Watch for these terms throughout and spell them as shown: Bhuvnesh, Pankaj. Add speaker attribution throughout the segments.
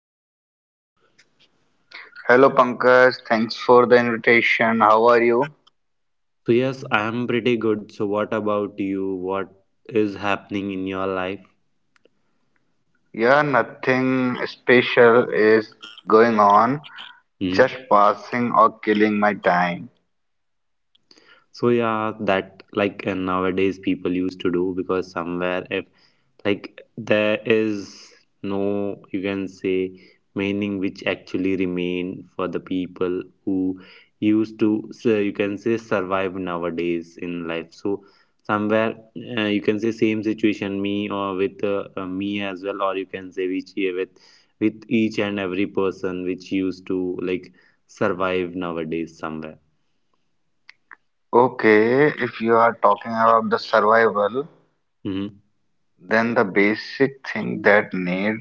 Speaker 1: to the podcast.
Speaker 2: Hello Pankaj, thanks for the invitation. How are you?
Speaker 1: So, yes, I am pretty good. So, what about you? What is happening in your life?
Speaker 2: Yeah, nothing special is going on, just
Speaker 1: Hmm?
Speaker 2: passing or killing my time.
Speaker 1: So yeah, that like nowadays people used to do because somewhere if like there is no you can say meaning which actually remain for the people who used to so you can say survive nowadays in life. So somewhere you can say same situation me or with me as well, or you can say which with each and every person which used to like survive nowadays somewhere.
Speaker 2: Okay, if you are talking about the survival,
Speaker 1: Mm-hmm.
Speaker 2: then the basic thing that need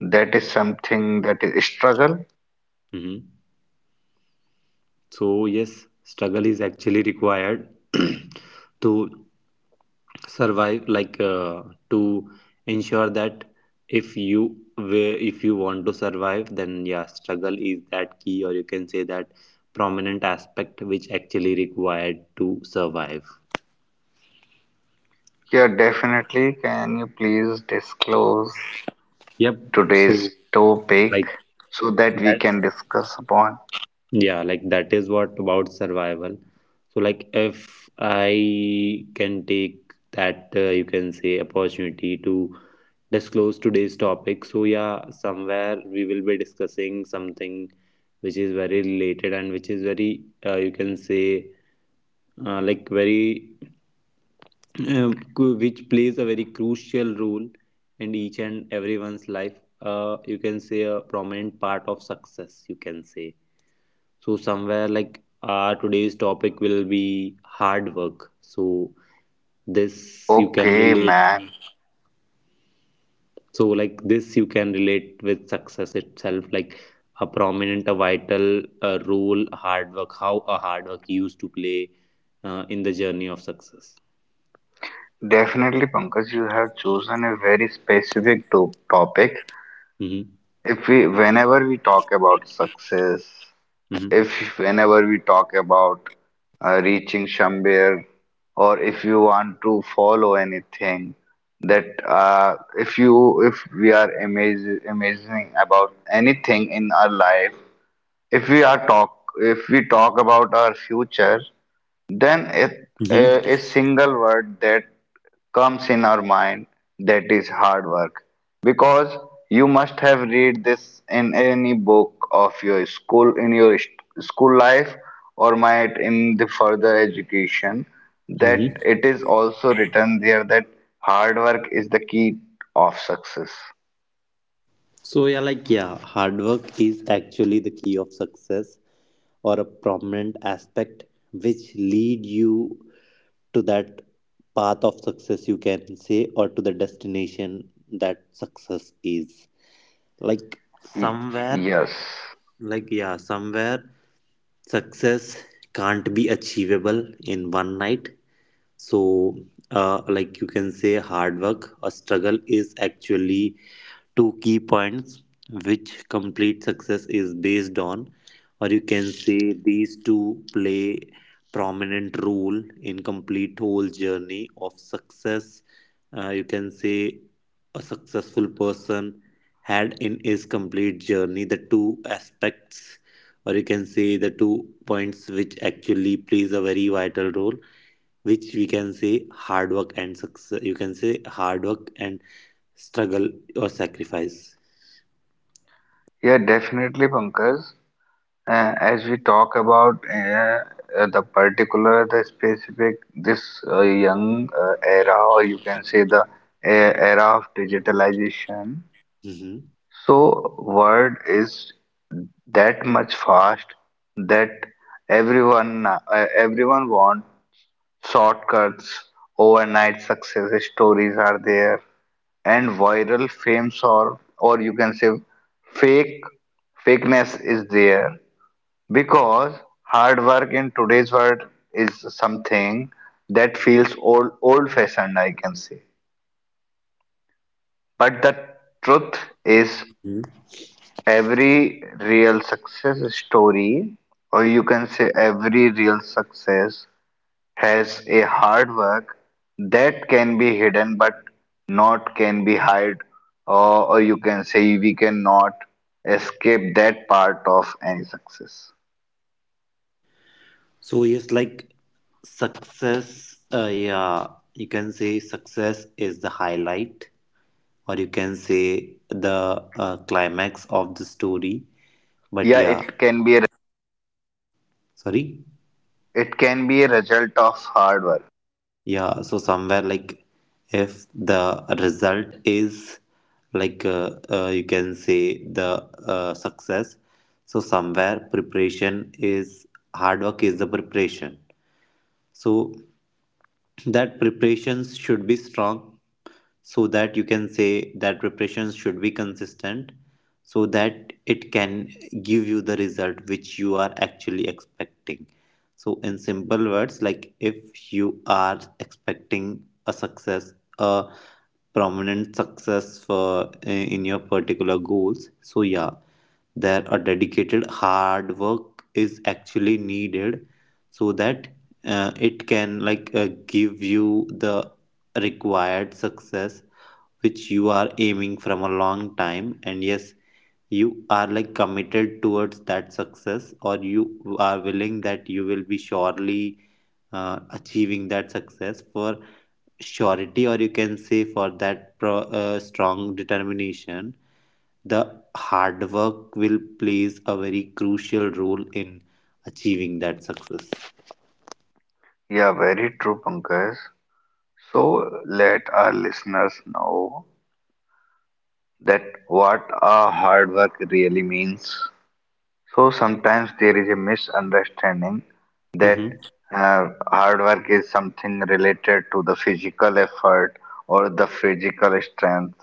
Speaker 2: that is something that is struggle.
Speaker 1: Mm-hmm. So, yes, struggle is actually required to survive, like to ensure that if you want to survive, then yeah, struggle is that key, or you can say that prominent aspect which actually required to survive.
Speaker 2: Yeah, definitely. Can you please disclose
Speaker 1: Yep. So,
Speaker 2: today's topic
Speaker 1: like
Speaker 2: so that we
Speaker 1: that.
Speaker 2: can discuss upon?
Speaker 1: Yeah, like that is what about survival. So, like, if I can take that, you can say, opportunity to disclose today's topic. So, yeah, somewhere we will be discussing something which is very related and which is very, you can say, like, very, which plays a very crucial role in each and everyone's life. You can say a prominent part of success, you can say. So somewhere like our today's topic will be hard work. So this you can
Speaker 2: Okay,
Speaker 1: relate.
Speaker 2: man.
Speaker 1: So like this you can relate with success itself, like a prominent, a vital role hard work. How a hard work used to play in the journey of success.
Speaker 2: Definitely, Pankaj, you have chosen a very specific to topic.
Speaker 1: Mm-hmm.
Speaker 2: If we, whenever we talk about success,
Speaker 1: Mm-hmm.
Speaker 2: if whenever we talk about reaching somewhere, or if you want to follow anything, that if you, if we are amazing about anything in our life, if we are talk, if we talk about our future. Then it,
Speaker 1: Mm-hmm.
Speaker 2: a single word that comes in our mind, that is hard work, because you must have read this in any book of your school, in your school life, or might in the further education, that
Speaker 1: Mm-hmm.
Speaker 2: it is also written there that hard work is the key of success.
Speaker 1: So yeah, like yeah, hard work is actually the key of success, or a prominent aspect which lead you to that path of success you can say, or to the destination that success is. Like
Speaker 2: Y-
Speaker 1: somewhere,
Speaker 2: yes,
Speaker 1: like yeah, somewhere success can't be achievable in one night. So like you can say hard work or struggle is actually two key points which complete success is based on, or you can say these two play prominent role in complete whole journey of success, you can say a successful person had in his complete journey the two aspects, or you can say the two points which actually plays a very vital role, which we can say hard work and success, you can say hard work and struggle or sacrifice.
Speaker 2: yeah, definitely Pankaj. As we talk about the specific, this young era, or you can say the era of digitalization,
Speaker 1: Hmm.
Speaker 2: so world is that much fast that everyone want shortcuts, overnight success stories are there, and viral fames or you can say fake fakeness is there because hard work in today's world is something that feels old fashioned, I can say. But the truth is, every real success story, or you can say every real success, has a hard work that can be hidden but not can be hide, or you can say we cannot escape that part of any success.
Speaker 1: So yes, like success. Yeah, you can say success is the highlight, or you can say the climax of the story. But
Speaker 2: Yeah,
Speaker 1: yeah,
Speaker 2: it can be a —
Speaker 1: sorry.
Speaker 2: it can be a result of hard work.
Speaker 1: Yeah, so somewhere like if the result is like you can say the success. So somewhere preparation is hard work is the preparation. So that preparations should be strong, so that you can say that preparations should be consistent so that it can give you the result which you are actually expecting. So in simple words, like if you are expecting a success, a prominent success for in your particular goals, so yeah, there a dedicated hard work is actually needed so that it can like give you the required success which you are aiming from a long time. And yes, you are like committed towards that success, or you are willing that you will be surely achieving that success for surety, or you can say for that strong determination the hard work will plays a very crucial role in achieving that success.
Speaker 2: Yeah, very true, Pankaj. So let our listeners know that what a hard work really means. So sometimes there is a misunderstanding that
Speaker 1: Mm-hmm.
Speaker 2: hard work is something related to the physical effort or the physical strength.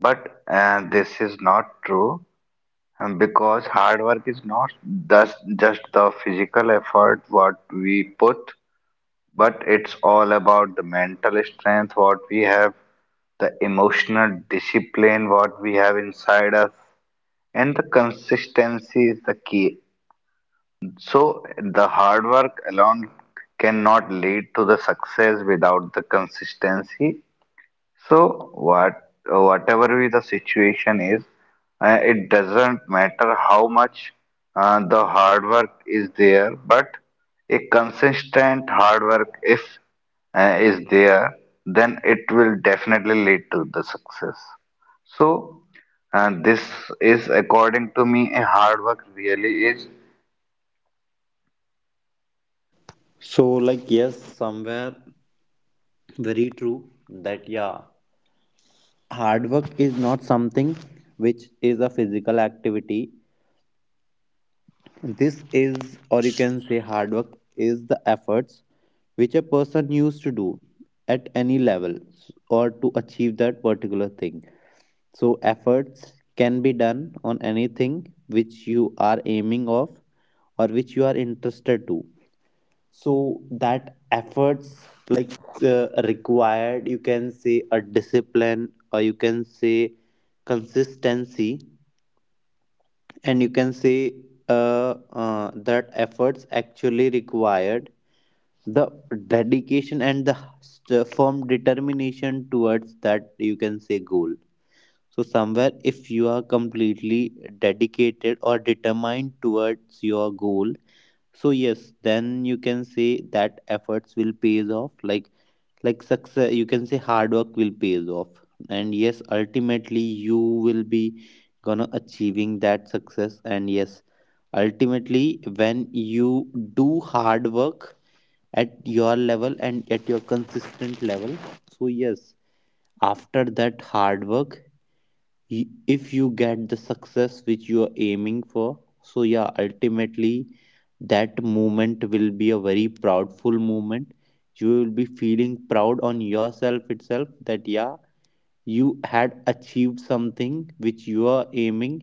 Speaker 2: But this is not true, because hard work is not thus just the physical effort what we put, but it's all about the mental strength what we have, the emotional discipline what we have inside us, and the consistency is the key. So the hard work alone cannot lead to the success without the consistency. So what, whatever be the situation is, it doesn't matter how much the hard work is there, but a consistent hard work if is there, then it will definitely lead to the success. So this is, according to me, a hard work really is.
Speaker 1: So, like, yes, somewhere very true that, yeah, hard work is not something which is a physical activity. This is, or you can say, hard work is the efforts which a person used to do at any level or to achieve that particular thing. So, efforts can be done on anything which you are aiming of, or which you are interested to, so that efforts like required you can say a discipline, or you can say consistency, and you can say that efforts actually required the dedication and the firm determination towards that you can say goal. So somewhere if you are completely dedicated or determined towards your goal, so yes, then you can say that efforts will pays off, like success, you can say hard work will pays off. And yes, ultimately you will be gonna achieving that success. And yes, ultimately when you do hard work at your level and at your consistent level, so yes, after that hard work, y- if you get the success which you are aiming for, so yeah, ultimately that moment will be a very proudful moment. You will be feeling proud on yourself itself, that yeah, you had achieved something which you are aiming.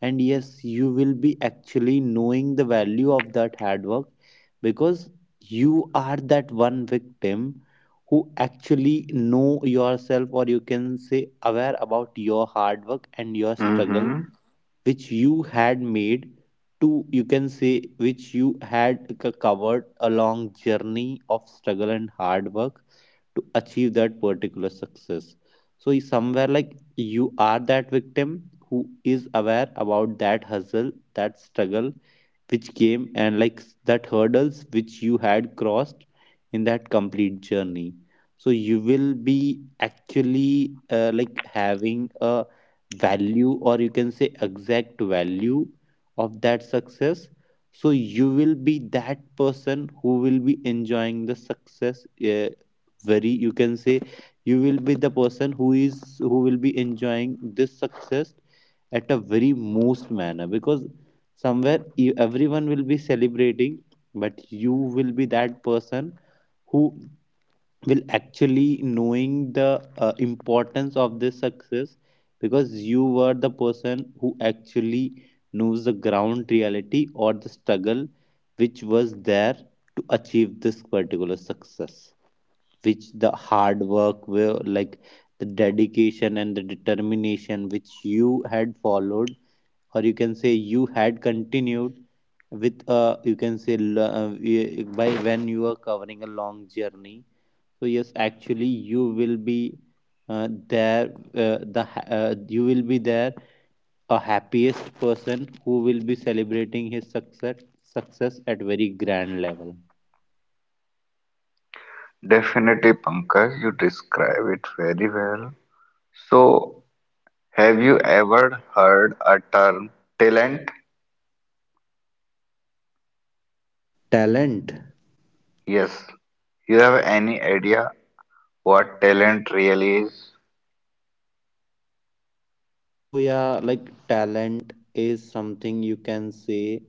Speaker 1: And yes, you will be actually knowing the value of that hard work, because you are that one victim who actually know yourself, or you can say aware about your hard work and your struggle,
Speaker 2: Mm-hmm.
Speaker 1: which you had made to you can say which you had covered a long journey of struggle and hard work to achieve that particular success. So is somewhere like you are that victim who is aware about that hustle, that struggle which came, and like that hurdles which you had crossed in that complete journey. So you will be actually like having a value, or you can say exact value of that success. So you will be that person who will be enjoying the success, uh, very you can say, you will be the person who will be enjoying this success at a very most manner. Because somewhere you, everyone will be celebrating, but you will be that person who will actually knowing the importance of this success, because you were the person who actually knows the ground reality or the struggle which was there to achieve this particular success, which the hard work were, like the dedication and the determination which you had followed, or you can say you had continued with, you can say by when you are covering a long journey. So yes, actually you will be there, you will be there a happiest person who will be celebrating his success at very grand level.
Speaker 2: Definitely, Pankaj, you describe it very well. So, have you ever heard a term talent?
Speaker 1: Talent.
Speaker 2: Yes. You have any idea what talent really is?
Speaker 1: So yeah, like talent is something you can say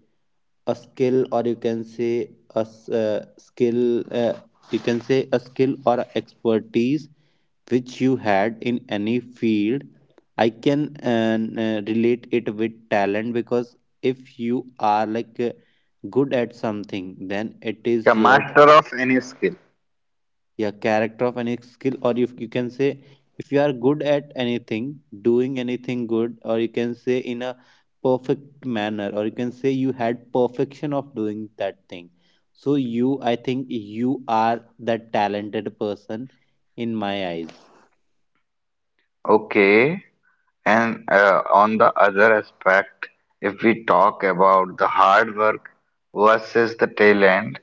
Speaker 1: a skill, or you can say a skill, you can say a skill or a expertise which you had in any field. I can relate it with talent, because if you are like good at something, then it
Speaker 2: A
Speaker 1: is your
Speaker 2: master
Speaker 1: talent.
Speaker 2: of any skill.
Speaker 1: Yeah, character of any skill, or if you can say if you are good at anything, doing anything good, or you can say in a perfect manner, or you can say you had perfection of doing that thing. So you, I think you are that talented person in my eyes.
Speaker 2: Okay. And on the other aspect, if we talk about the hard work versus the talent,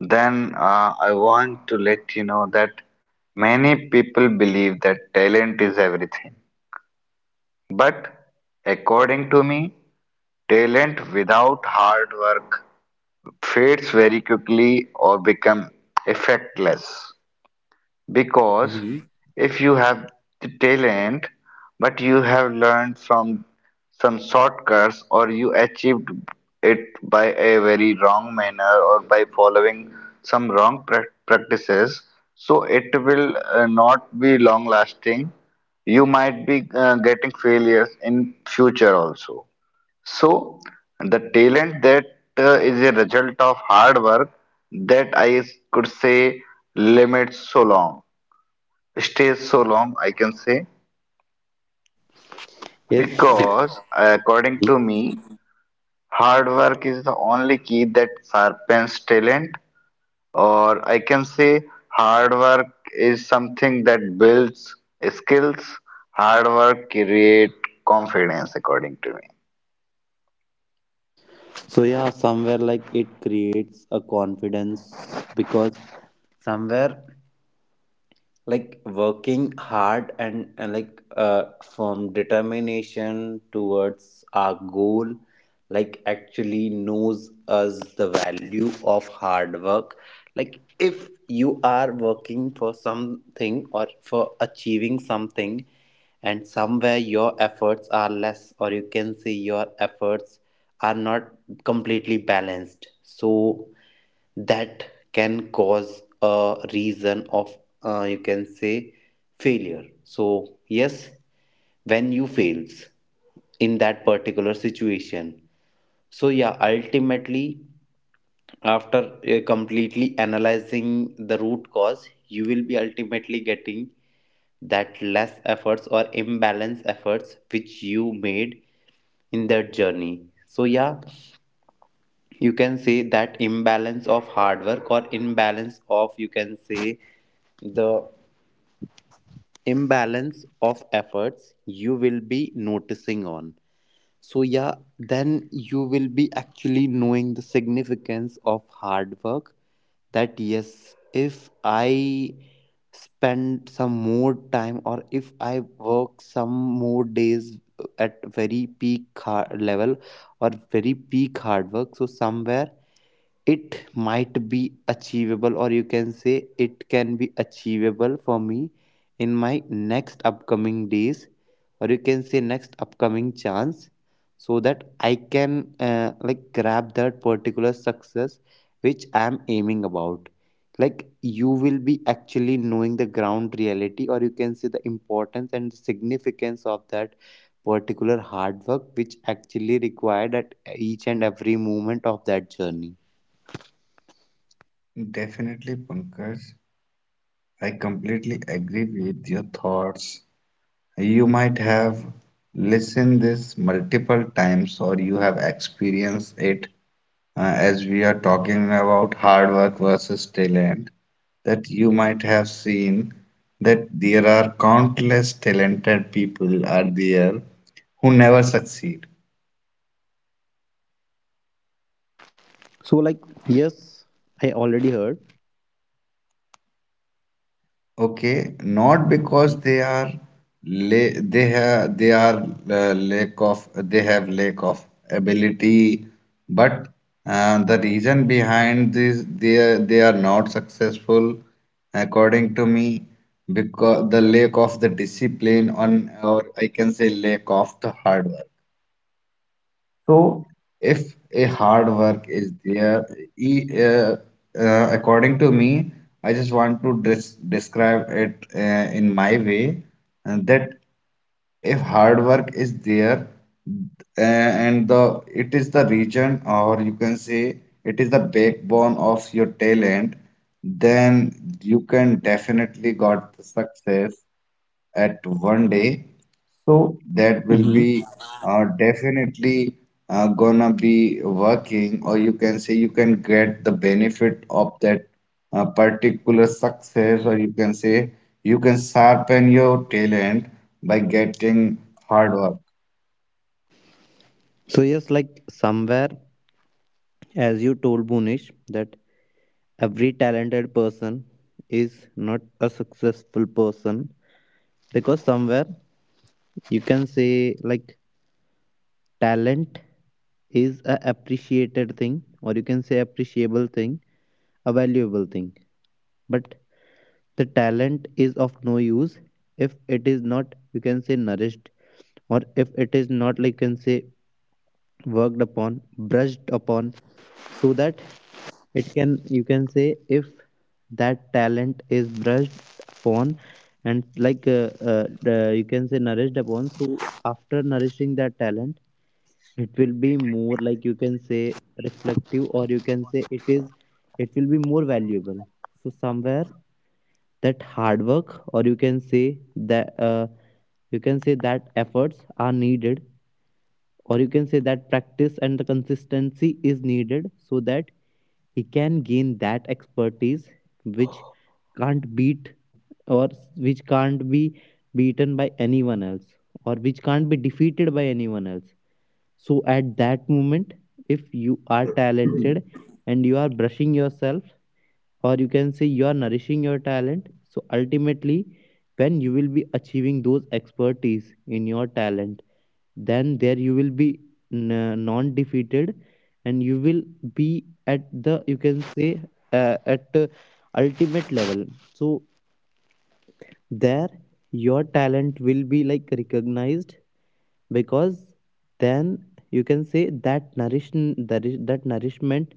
Speaker 2: then I want to let you know that many people believe that talent is everything. But according to me, talent without hard work fades very quickly or become effectless, because
Speaker 1: Hmm.
Speaker 2: if you have the talent but you have learned from some shortcuts, or you achieved it by a very wrong manner or by following some wrong practices, so it will not be long lasting, you might be getting failures in future also. So the talent that is a result of hard work, that I could say limits so long, stays so long, I can say,
Speaker 1: Yes.
Speaker 2: because according to me, hard work is the only key that sharpens talent, or I can say hard work is something that builds skills. Hard work create confidence, according to me.
Speaker 1: So yeah, somewhere like it creates a confidence, because somewhere like working hard, and like from determination towards our goal, like actually knows us the value of hard work. Like if you are working for something or for achieving something, and somewhere your efforts are less, or you can say your efforts are not completely balanced, so that can cause a reason of you can say failure. So yes, when you fails in that particular situation, so yeah, ultimately after completely analyzing the root cause, you will be ultimately getting that less efforts or imbalance efforts which you made in that journey. So yeah, you can say that imbalance of hard work, or imbalance of you can say the imbalance of efforts you will be noticing on. So yeah, then you will be actually knowing the significance of hard work, that yes, if I spend some more time or if I work some more days at very peak hard level or very peak hard work, so somewhere it might be achievable, or you can say it can be achievable for me in my next upcoming days, or you can say next upcoming chance, so that I can like grab that particular success which I am aiming about. Like you will be actually knowing the ground reality, or you can say the importance and the significance of that particular hard work which actually required at each and every moment of that journey.
Speaker 2: Definitely, Pankaj. I completely agree with your thoughts. You might have listened this multiple times or you have experienced it, as we are talking about hard work versus talent, that you might have seen that there are countless talented people are there who never succeed.
Speaker 1: So, like, yes, I already heard.
Speaker 2: Okay, not because
Speaker 1: Hmm.
Speaker 2: they are la they have they are lack of they have lack of ability, but the reason behind this they are not successful, according to me, because the lack of the discipline, on, or I can say lack of the hard work. So, if a hard work is there, e- uh, according to me, I just want to describe it in my way, that if hard work is there and the it is the region, or you can say it is the backbone of your talent, then you can definitely got the success at one day. That will
Speaker 1: Hmm.
Speaker 2: be definitely gonna be working, or you can say you can get the benefit of that particular success, or you can say you can sharpen your talent by getting hard work.
Speaker 1: So, yes, like, somewhere, as you told Bunish, that every talented person is not a successful person, because somewhere you can say, like, talent is a appreciated thing, or you can say, appreciable thing, a valuable thing. But the talent is of no use if it is not, you can say, nourished, or if it is not, like, you can say, worked upon, brushed upon, so that it can, you can say, if that talent is brushed upon and, like, you can say, nourished upon. So after nourishing that talent, it will be more, like, you can say, reflective, or you can say, it is it will be more valuable. So somewhere that hard work, or you can say that, you can say, that efforts are needed, or you can say that practice and the consistency is needed so that he can gain that expertise which can't beat, or which can't be beaten by anyone else, or which can't be defeated by anyone else. So at that moment, if you are talented and you are brushing yourself, or you can say you are nourishing your talent, so ultimately, when you will be achieving those expertise in your talent, then there you will be non defeated and you will be at the, you can say, at the ultimate level. So there your talent will be, like, recognized because then, you can say, that nourishment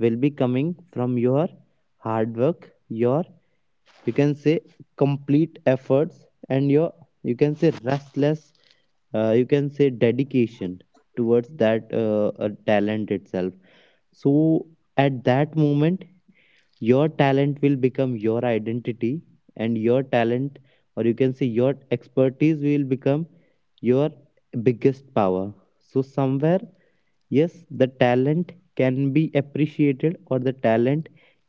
Speaker 1: will be coming from your hard work, your, you can say, complete efforts, and your, you can say, restless, you can say, dedication towards that talent itself. So at that moment, your talent will become your identity, and your talent, or you can say your expertise, will become your biggest power. So somewhere, yes, the talent can be appreciated, or the talent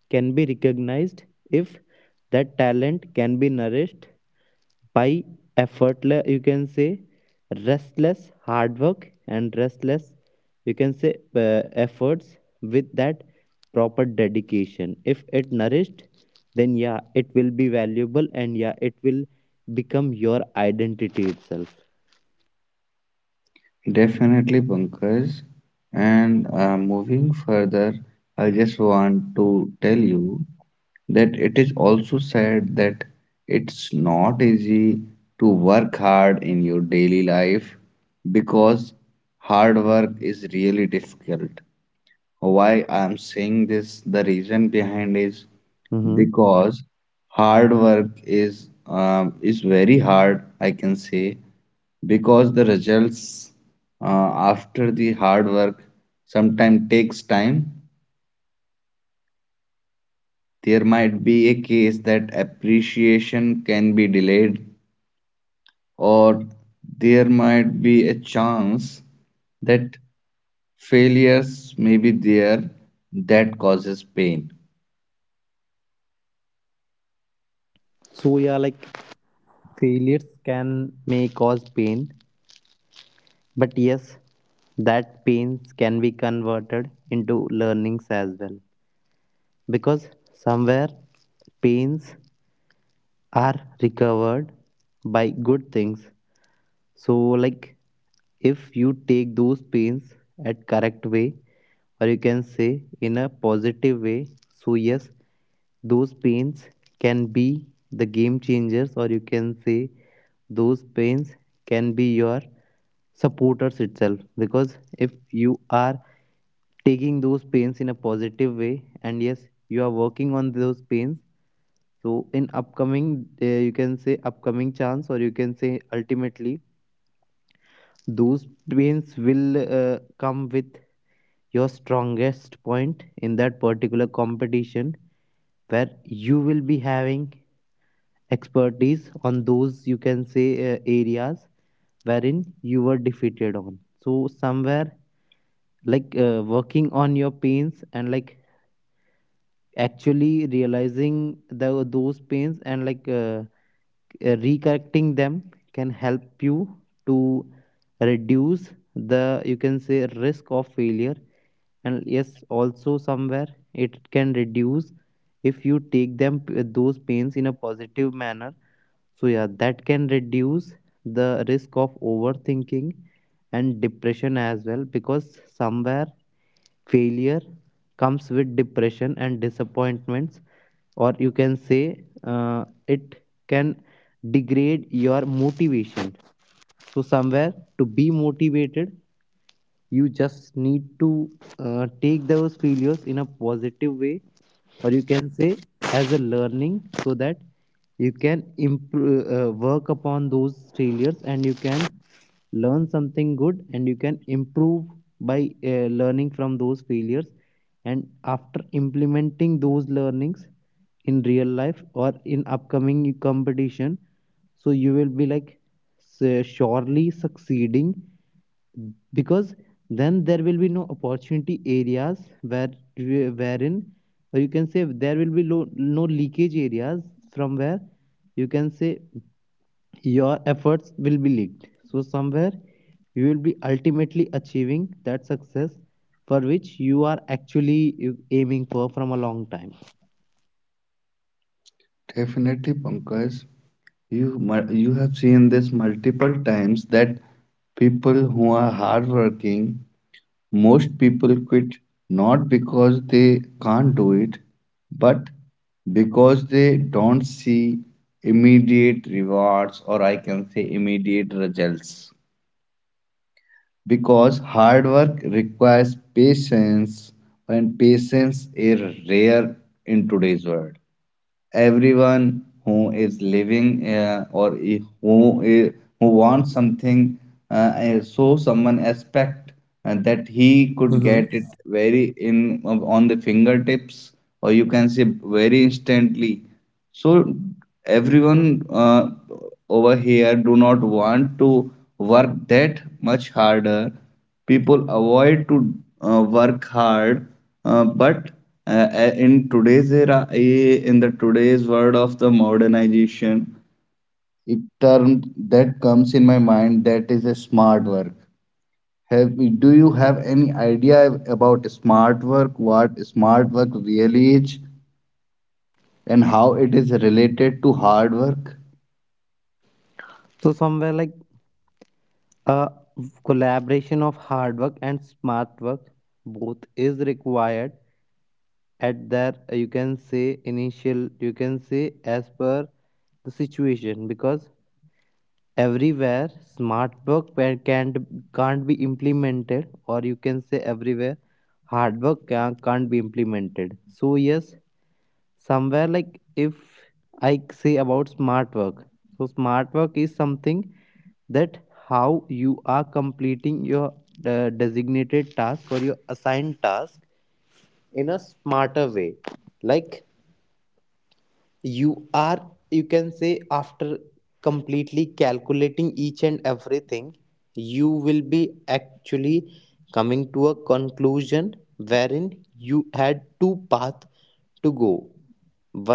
Speaker 1: can be recognized if that talent can be nourished by effortless, you can say, restless hard work and restless, you can say, efforts with that proper dedication. If it nourished, then yeah, it will be valuable, and yeah, it will become your identity itself.
Speaker 2: Definitely, Pankaj. And moving further, I just want to tell you that it is also said that it's not easy to work hard in your daily life, because hard work is really difficult. Why I am saying this, the reason behind is
Speaker 1: Mm-hmm.
Speaker 2: because hard work is very hard, I can say, because the results after the hard work sometimes takes time. There might be a case that appreciation can be delayed, or there might be a chance that failures may be there that causes pain.
Speaker 1: So yeah, like, failures can may cause pain, but yes, that pains can be converted into learnings as well. Because somewhere pains are recovered by good things, so, like, if you take those pains at correct way, or you can say in a positive way, so yes, those pains can be the game changers, or you can say those pains can be your supporters itself, because if you are taking those pains in a positive way, and yes, you are working on those pains, so in upcoming, you can say upcoming chance, or you can say ultimately, those wins will come with your strongest point in that particular competition where you will be having expertise on those, you can say, areas wherein you were defeated on. So somewhere, like, working on your pains, and, like, actually realizing the, those pains, and, like, recorrecting them can help you to reduce the, you can say, risk of failure. And yes, also somewhere it can reduce, if you take them those pains in a positive manner, so yeah, that can reduce the risk of overthinking and depression as well, because somewhere failure comes with depression and disappointments, or you can say, it can degrade your motivation. So somewhere, to be motivated, you just need to take those failures in a positive way, or you can say as a learning, so that you can improve, work upon those failures, and you can learn something good, and you can improve by learning from those failures. And after implementing those learnings in real life or in upcoming competition, so you will be, like, surely succeeding, because then there will be no opportunity areas where, wherein, or you can say there will be no leakage areas from where, you can say, your efforts will be leaked. So somewhere, you will be ultimately achieving that success for which you are actually aiming for from a long time.
Speaker 2: Definitely, Pankaj, you have seen this multiple times that people who are hardworking, most people quit not because they can't do it, but because they don't see immediate rewards, or I can say immediate results, because hard work requires patience, and patience is rare in today's world. Everyone who is living or I- who wants something, uh, so someone expect that he could get it very in on the fingertips, or you can say very instantly. So everyone over here do not want to work that much harder, people avoid to work hard, but uh, in today's era, in the today's world of the modernization, it term that comes in my mind, that is a smart work. Have, do you have any idea about smart work, what smart work really is, and how it is related to hard work?
Speaker 1: So somewhere, like, a collaboration of hard work and smart work both is required at their, you can say initial, you can say as per the situation, because everywhere smart work can't be implemented, or you can say everywhere hard work can't be implemented. So yes, somewhere, like, if I say about smart work, so smart work is something that how you are completing your designated task or your assigned task in a smarter way. Like, you are, you can say, after completely calculating each and everything, you will be actually coming to a conclusion wherein you had two paths to go.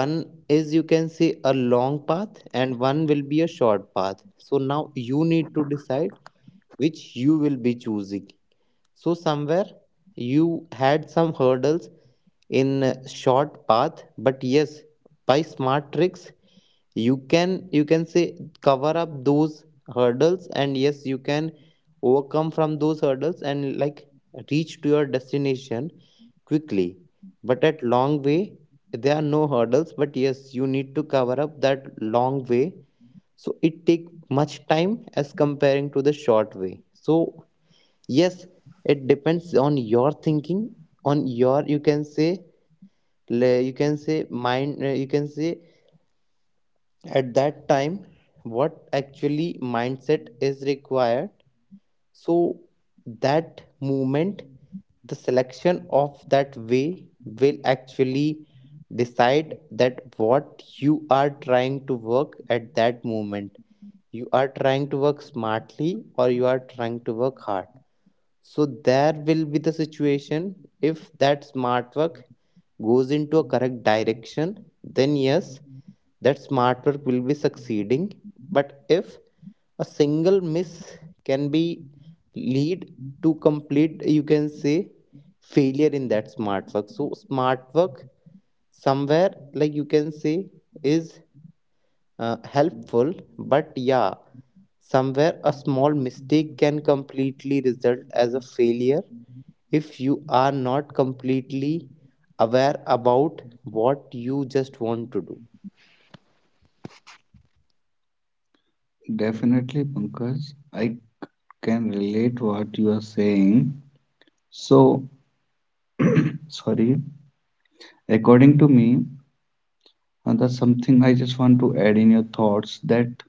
Speaker 1: One is, you can say, a long path, and one will be a short path. So now you need to decide which you will be choosing. So somewhere, you had some hurdles in a short path, but yes, by smart tricks, you can, you can say, cover up those hurdles, and yes, you can overcome from those hurdles and, like, reach to your destination quickly. But at long way, there are no hurdles, but yes, you need to cover up that long way, so it take much time as comparing to the short way. So yes, it depends on your thinking, on your, you can say, you can say, mind, you can say, at that time what actually mindset is required. So that movement, the selection of that way will actually decide that what you are trying to work at that moment. You are trying to work smartly, or you are trying to work hard. So there will be the situation, if that smart work goes into a correct direction, then yes, that smart work will be succeeding. But if a single miss can be lead to complete, you can say, failure in that smart work. So smart work somewhere, like, you can say is helpful, but yeah, somewhere a small mistake can completely result as a failure if you are not completely aware about what you just want to do.
Speaker 2: Definitely, Pankaj. I can relate what you are saying. So, sorry. According to me, that's something I just want to add in your thoughts, that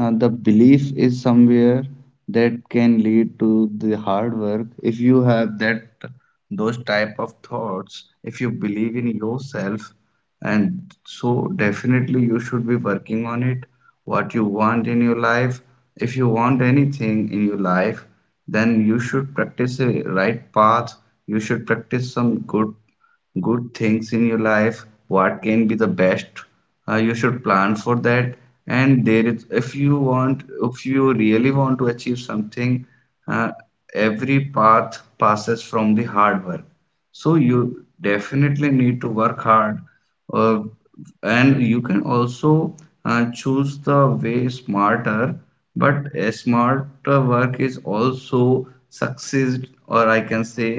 Speaker 2: the belief is somewhere that can lead to the hard work. If you have that those type of thoughts, if you believe in yourself, and so definitely you should be working on it. What you want in your life, if you want anything in your life, then you should practice a right path. You should practice some good things in your life, what can be the best. You should plan for that, and there is, if you want, if you really want to achieve something, uh, every path passes from the hard work. So you definitely need to work hard, uh, and you can also choose the way smarter, but a smarter work is also succeed, or I can say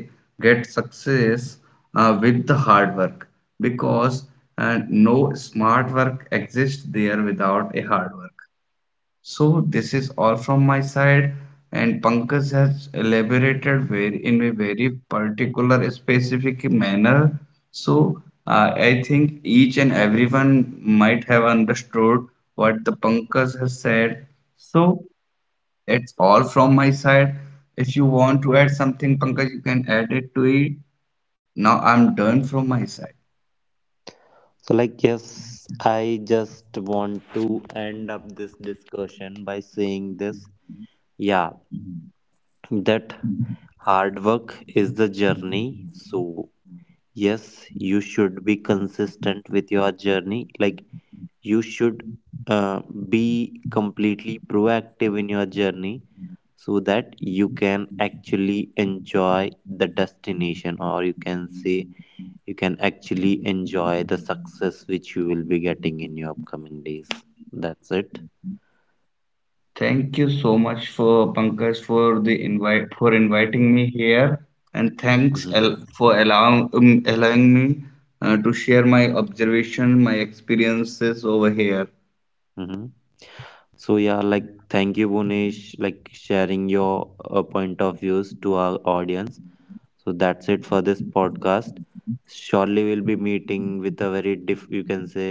Speaker 2: get success, with the hard work, because no smart work exists there without a hard work. So this is all from my side, and Pankaj has elaborated very, in a very particular specific manner. So I think each and everyone might have understood what the Pankaj has said. So it's all from my side. If you want to add something, Pankaj, you can add it to it. Now I'm done from my side.
Speaker 1: So, like, yes, I just want to end up this discussion by saying this. Yeah, that hard work is the journey. So, yes, you should be consistent with your journey. Like, you should uh, be completely proactive in your journey so that you can actually enjoy the destination, or you can say you can actually enjoy the success which you will be getting in your upcoming days. That's it.
Speaker 2: Thank you so much for Pankaj for the invite, for inviting me here, and thanks
Speaker 1: Hmm.
Speaker 2: al for allowing allowing me to share my observation, my experiences over here.
Speaker 1: Hmm. So yeah, like, thank you, Bonish, like, sharing your point of views to our audience. So that's it for this podcast. Surely we'll be meeting with a very diff you can say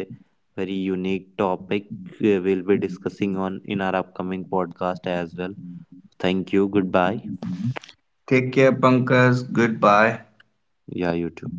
Speaker 1: very unique topic we'll be discussing on in our upcoming podcast as well. Thank you. Goodbye.
Speaker 2: Take care, Pankaj. Goodbye.
Speaker 1: Yeah, you too.